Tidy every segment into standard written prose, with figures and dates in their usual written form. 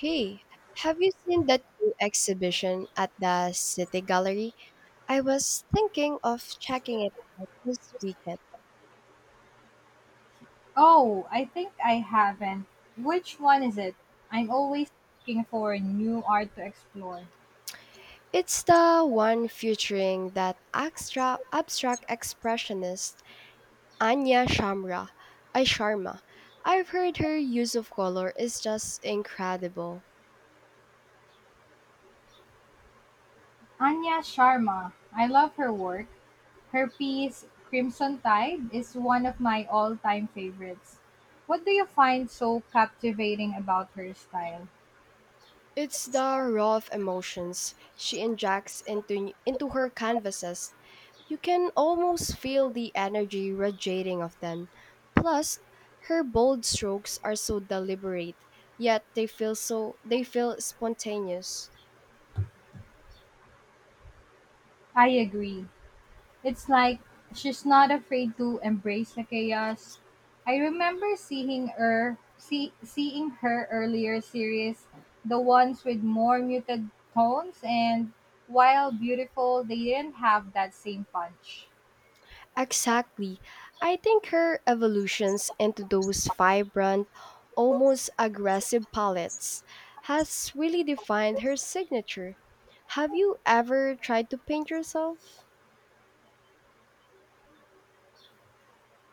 Hey, have you seen that new exhibition at the City Gallery? I was thinking of checking it out this weekend. Oh, I think I haven't. Which one is it? I'm always looking for new art to explore. It's the one featuring that extra abstract expressionist Anya Shamra. I Sharma. I've heard her use of color is just incredible. Anya Sharma. I love her work. Her piece, Crimson Tide, is one of my all time favorites. What do you find so captivating about her style? It's the raw of emotions she injects into her canvases. You can almost feel the energy radiating off them. Plus, her bold strokes are so deliberate, yet they feel spontaneous. I agree. It's like she's not afraid to embrace the chaos. I remember seeing her earlier series, the ones with more muted tones and while beautiful, they didn't have that same punch. Exactly. I think her evolutions into those vibrant, almost aggressive palettes has really defined her signature. Have you ever tried to paint yourself?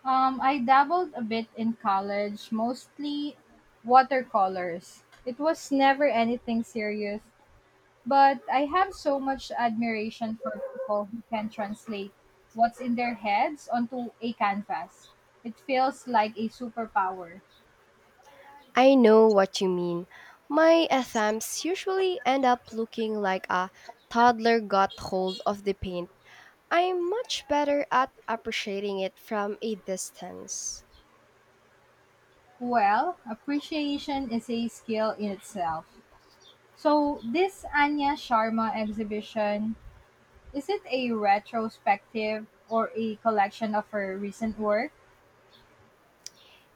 I dabbled a bit in college, mostly watercolors. It was never anything serious, but I have so much admiration for people who can translate what's in their heads onto a canvas. It feels like a superpower. I know what you mean. My attempts usually end up looking like a toddler got hold of the paint. I'm much better at appreciating it from a distance. Well, appreciation is a skill in itself. So, this Anya Sharma exhibition, is it a retrospective or a collection of her recent work?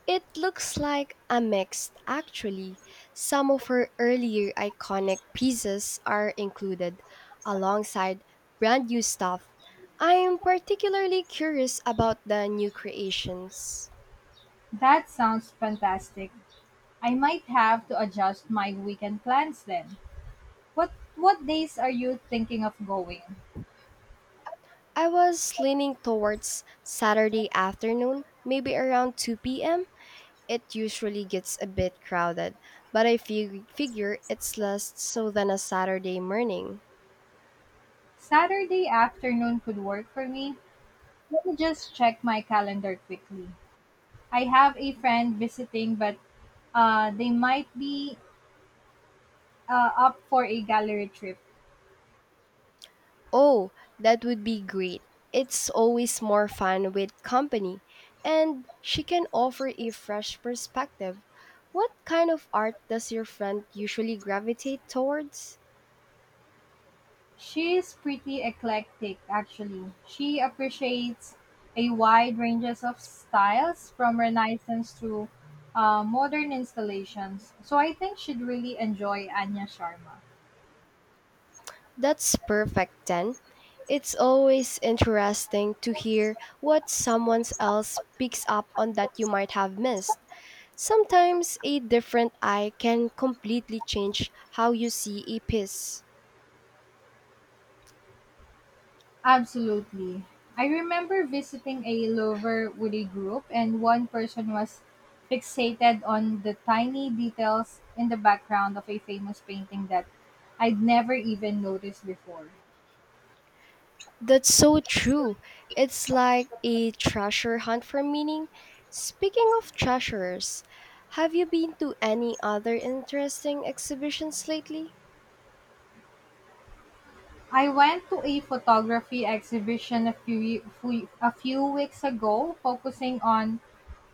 It looks like a mix, actually. Some of her earlier iconic pieces are included alongside brand new stuff. I'm particularly curious about the new creations. That sounds fantastic. I might have to adjust my weekend plans then. What days are you thinking of going? I was leaning towards Saturday afternoon, maybe around 2 p.m. It usually gets a bit crowded, but I figure it's less so than a Saturday morning. Saturday afternoon could work for me. Let me just check my calendar quickly. I have a friend visiting, but they might be up for a gallery trip. Oh, that would be great. It's always more fun with company, and she can offer a fresh perspective. What kind of art does your friend usually gravitate towards? She's pretty eclectic, actually. She appreciates a wide ranges of styles from Renaissance to modern installations. So I think she'd really enjoy Anya Sharma. That's perfect then. It's always interesting to hear what someone else picks up on that you might have missed. Sometimes a different eye can completely change how you see a piece. Absolutely. I remember visiting a Lover Woody group, and one person was fixated on the tiny details in the background of a famous painting that I'd never even noticed before. That's so true. It's like a treasure hunt for meaning. Speaking of treasures, have you been to any other interesting exhibitions lately? I went to a photography exhibition a few weeks ago focusing on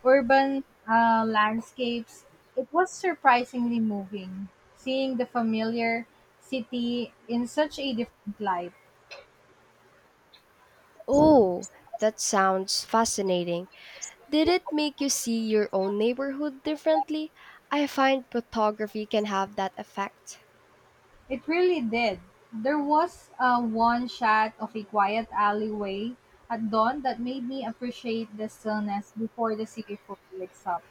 urban landscapes. It was surprisingly moving seeing the familiar city in such a different light. Oh, that sounds fascinating. Did it make you see your own neighborhood differently? I find photography can have that effect. It really did. There was a one shot of a quiet alleyway at dawn that made me appreciate the stillness before the city fully wakes up.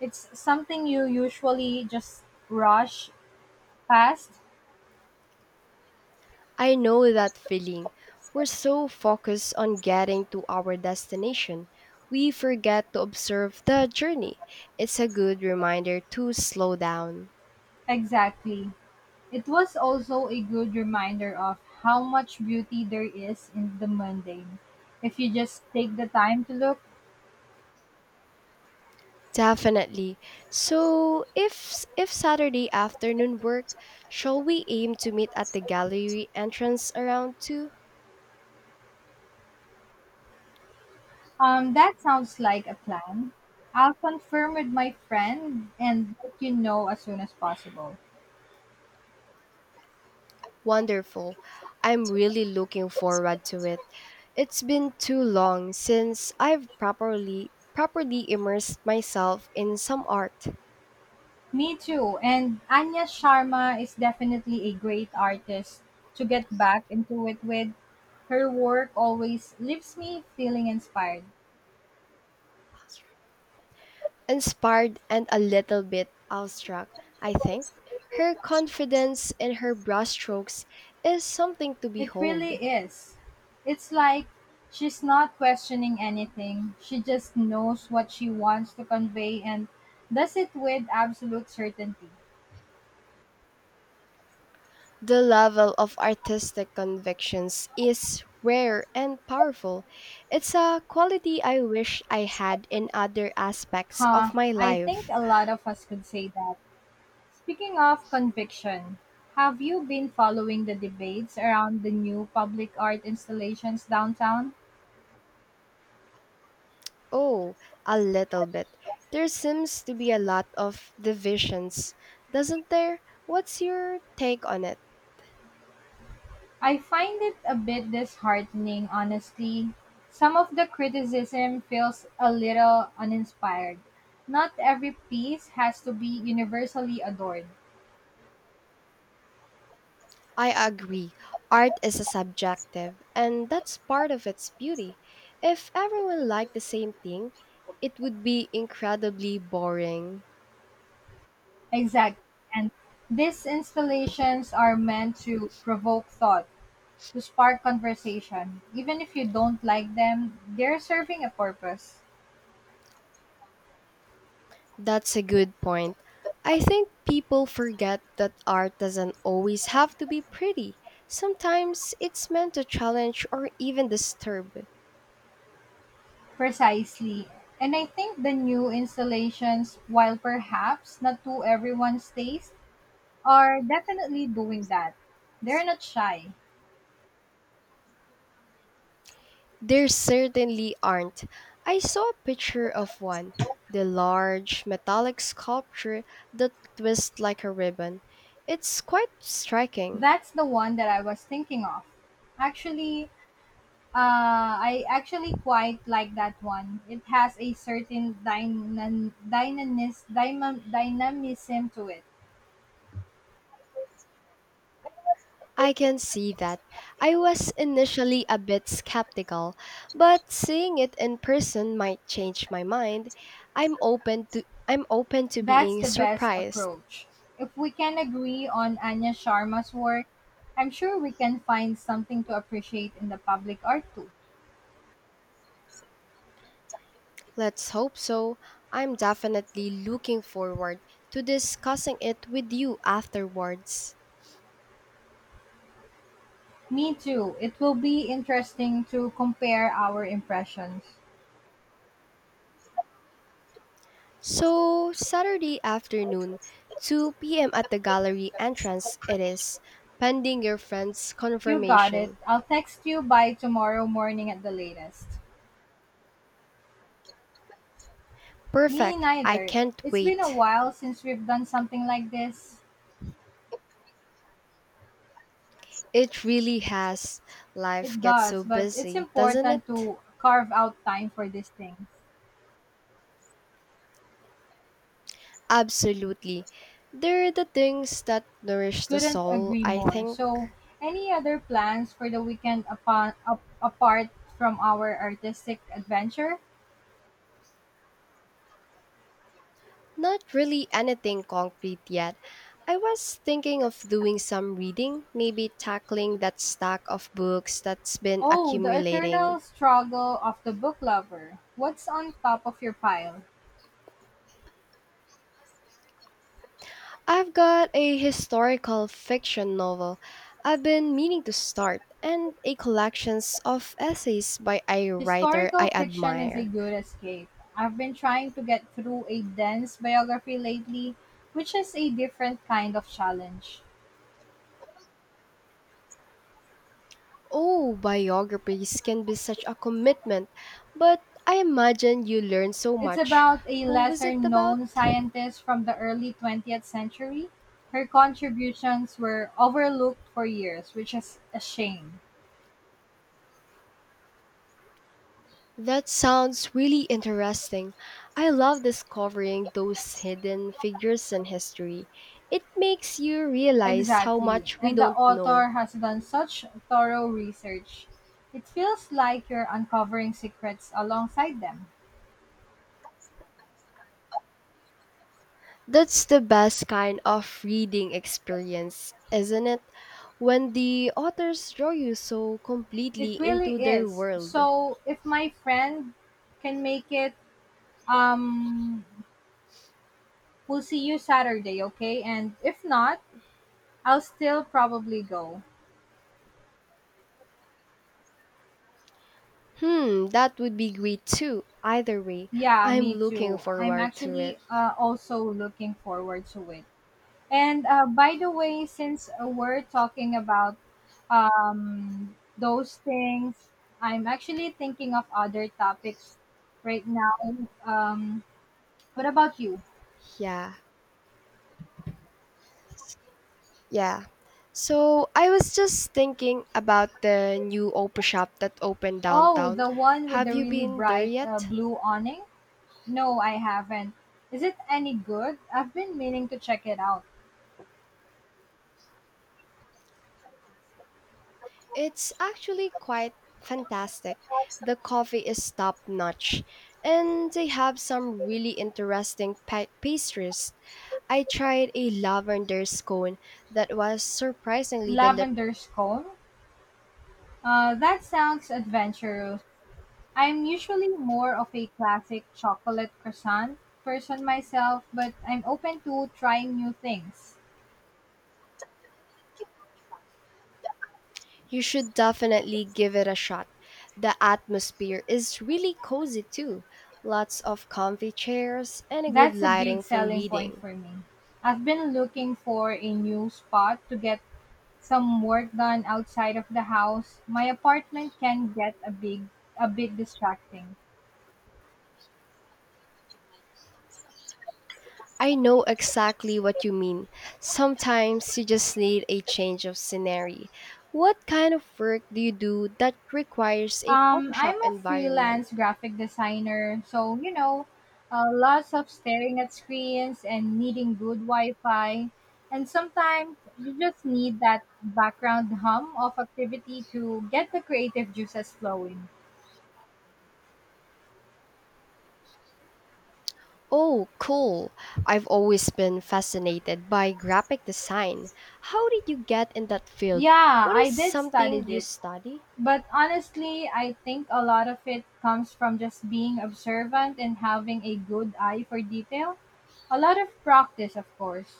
It's something you usually just rush past. I know that feeling. We're so focused on getting to our destination, we forget to observe the journey. It's a good reminder to slow down. Exactly. It was also a good reminder of how much beauty there is in the mundane if you just take the time to look. Definitely. So, if Saturday afternoon work, shall we aim to meet at the gallery entrance around 2? That sounds like a plan. I'll confirm with my friend and let you know as soon as possible. Wonderful. I'm really looking forward to it. It's been too long since I've properly immersed myself in some art. Me too. And Anya Sharma is definitely a great artist to get back into it with. Her work always leaves me feeling inspired. Inspired and a little bit awestruck, I think. Her confidence in her brushstrokes is something to It behold. really is. It's like she's not questioning anything. She just knows what she wants to convey and does it with absolute certainty. The level of artistic convictions is rare and powerful. It's a quality I wish I had in other aspects of my I think life. a lot of us could say that. Speaking of conviction, have you been following the debates around the new public art installations downtown? Oh, a little bit. There seems to be a lot of divisions, doesn't there? What's your take on it? I find it a bit disheartening, honestly. Some of the criticism feels a little uninspired. Not every piece has to be universally adored. I agree. Art is a subjective, and that's part of its beauty. If everyone liked the same thing, it would be incredibly boring. Exactly. And these installations are meant to provoke thought to spark conversation. Even if you don't like them, they're serving a purpose. That's a good point. I think people forget that art doesn't always have to be pretty. Sometimes it's meant to challenge or even disturb. Precisely. And I think the new installations, while perhaps not to everyone's taste, are definitely doing that. They're not shy. There certainly aren't. I saw a picture of one, the large metallic sculpture that twists like a ribbon. It's quite striking. That's the one that I was thinking of. Actually, I actually quite like that one. It has a certain dynamism to it. I can see that. I was initially a bit skeptical, but seeing it in person might change my mind. I'm open to That's being the best surprised. approach. If we can agree on Anya Sharma's work, I'm sure we can find something to appreciate in the public art too. Let's hope so. I'm definitely looking forward to discussing it with you afterwards. Me too. It will be interesting to compare our impressions. So, Saturday afternoon, 2 p.m. at the gallery entrance it is, pending your friend's You got it. confirmation. I'll text you by tomorrow morning at the latest. Me Perfect. I neither. can't It's been a wait. while since we've done something like this. It really has. Life It gets so does, but it's busy, doesn't important it? to carve out time for these things. Absolutely. They're the things that nourish the Couldn't soul, agree I more. think. So, any other plans for the weekend apart from our artistic adventure? Not really anything concrete yet. I was thinking of doing some reading, maybe tackling that stack of books that's been Oh, the accumulating. eternal struggle of the book lover. What's on top of your pile? I've got a historical fiction novel I've been meaning to start and a collections of essays by a writer Historical I fiction is a admire. good escape. I've been trying to get through a dense biography lately, which is a different kind of challenge. Oh, biographies can be such a commitment, but I imagine you learn so It's much. about a Who was lesser it about? known scientist from the early 20th century. Her contributions were overlooked for years, which is a shame. That sounds really interesting. I love discovering those hidden figures in history. It makes you realize how Exactly. much we And the don't know. author has done such thorough research. It feels like you're uncovering secrets alongside them. That's the best kind of reading experience, isn't it? When the authors draw you so It completely really into their is. world. So, if my friend can make it, um, we'll see you Saturday, okay? And if not, I'll still probably go. Hmm, that would be great too. Either way, Yeah, I'm me looking too. I'm forward to it. actually also looking forward to it. And by the way, since we're talking about those things, I'm actually thinking of other topics right now. What about you? Yeah, yeah. So I was just thinking about the new Opera shop that opened Oh, downtown. the one with Have the you really been there bright yet? blue awning? No, I haven't. Is it any good? I've been meaning to check it out. It's actually quite fantastic. The coffee is top notch, and they have some really interesting pastries. I tried a lavender scone that was surprisingly delicious. Lavender Scone? That sounds adventurous. I'm usually more of a classic chocolate croissant person myself, but I'm open to trying new things. You should definitely give it a shot. The atmosphere is really cozy too. Lots of comfy chairs and a good That's a lighting big for selling point reading. for me. I've been looking for a new spot to get some work done outside of the house. My apartment can get a bit distracting. I know exactly what you mean. Sometimes you just need a change of scenery. What kind of work do you do that requires a coffee Um, shop I'm a environment? freelance graphic designer, so you know, lots of staring at screens and needing good Wi-Fi, and sometimes you just need that background hum of activity to get the creative juices flowing. Oh, cool. I've always been fascinated by graphic design. How did you get in that field? Yeah, What I is did something studied you it, study? but honestly, I think a lot of it comes from just being observant and having a good eye for detail. A lot of practice, of course.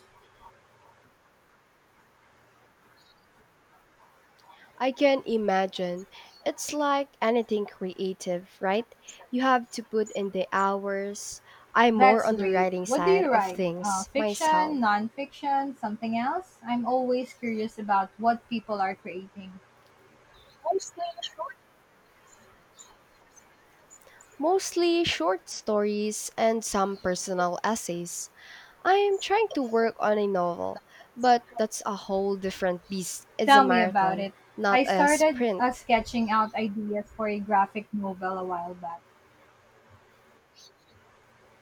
I can imagine. It's like anything creative, right? You have to put in the hours. I'm more That's on the great. writing What do side you of write? Uh, things fiction, myself. non-fiction, something else? I'm always curious about what people are creating. Mostly short stories and some personal essays. I'm trying to work on a novel, but that's a whole different beast. It's a Tell me about marathon, it. not I a started sprint. sketching out ideas for a graphic novel a while back.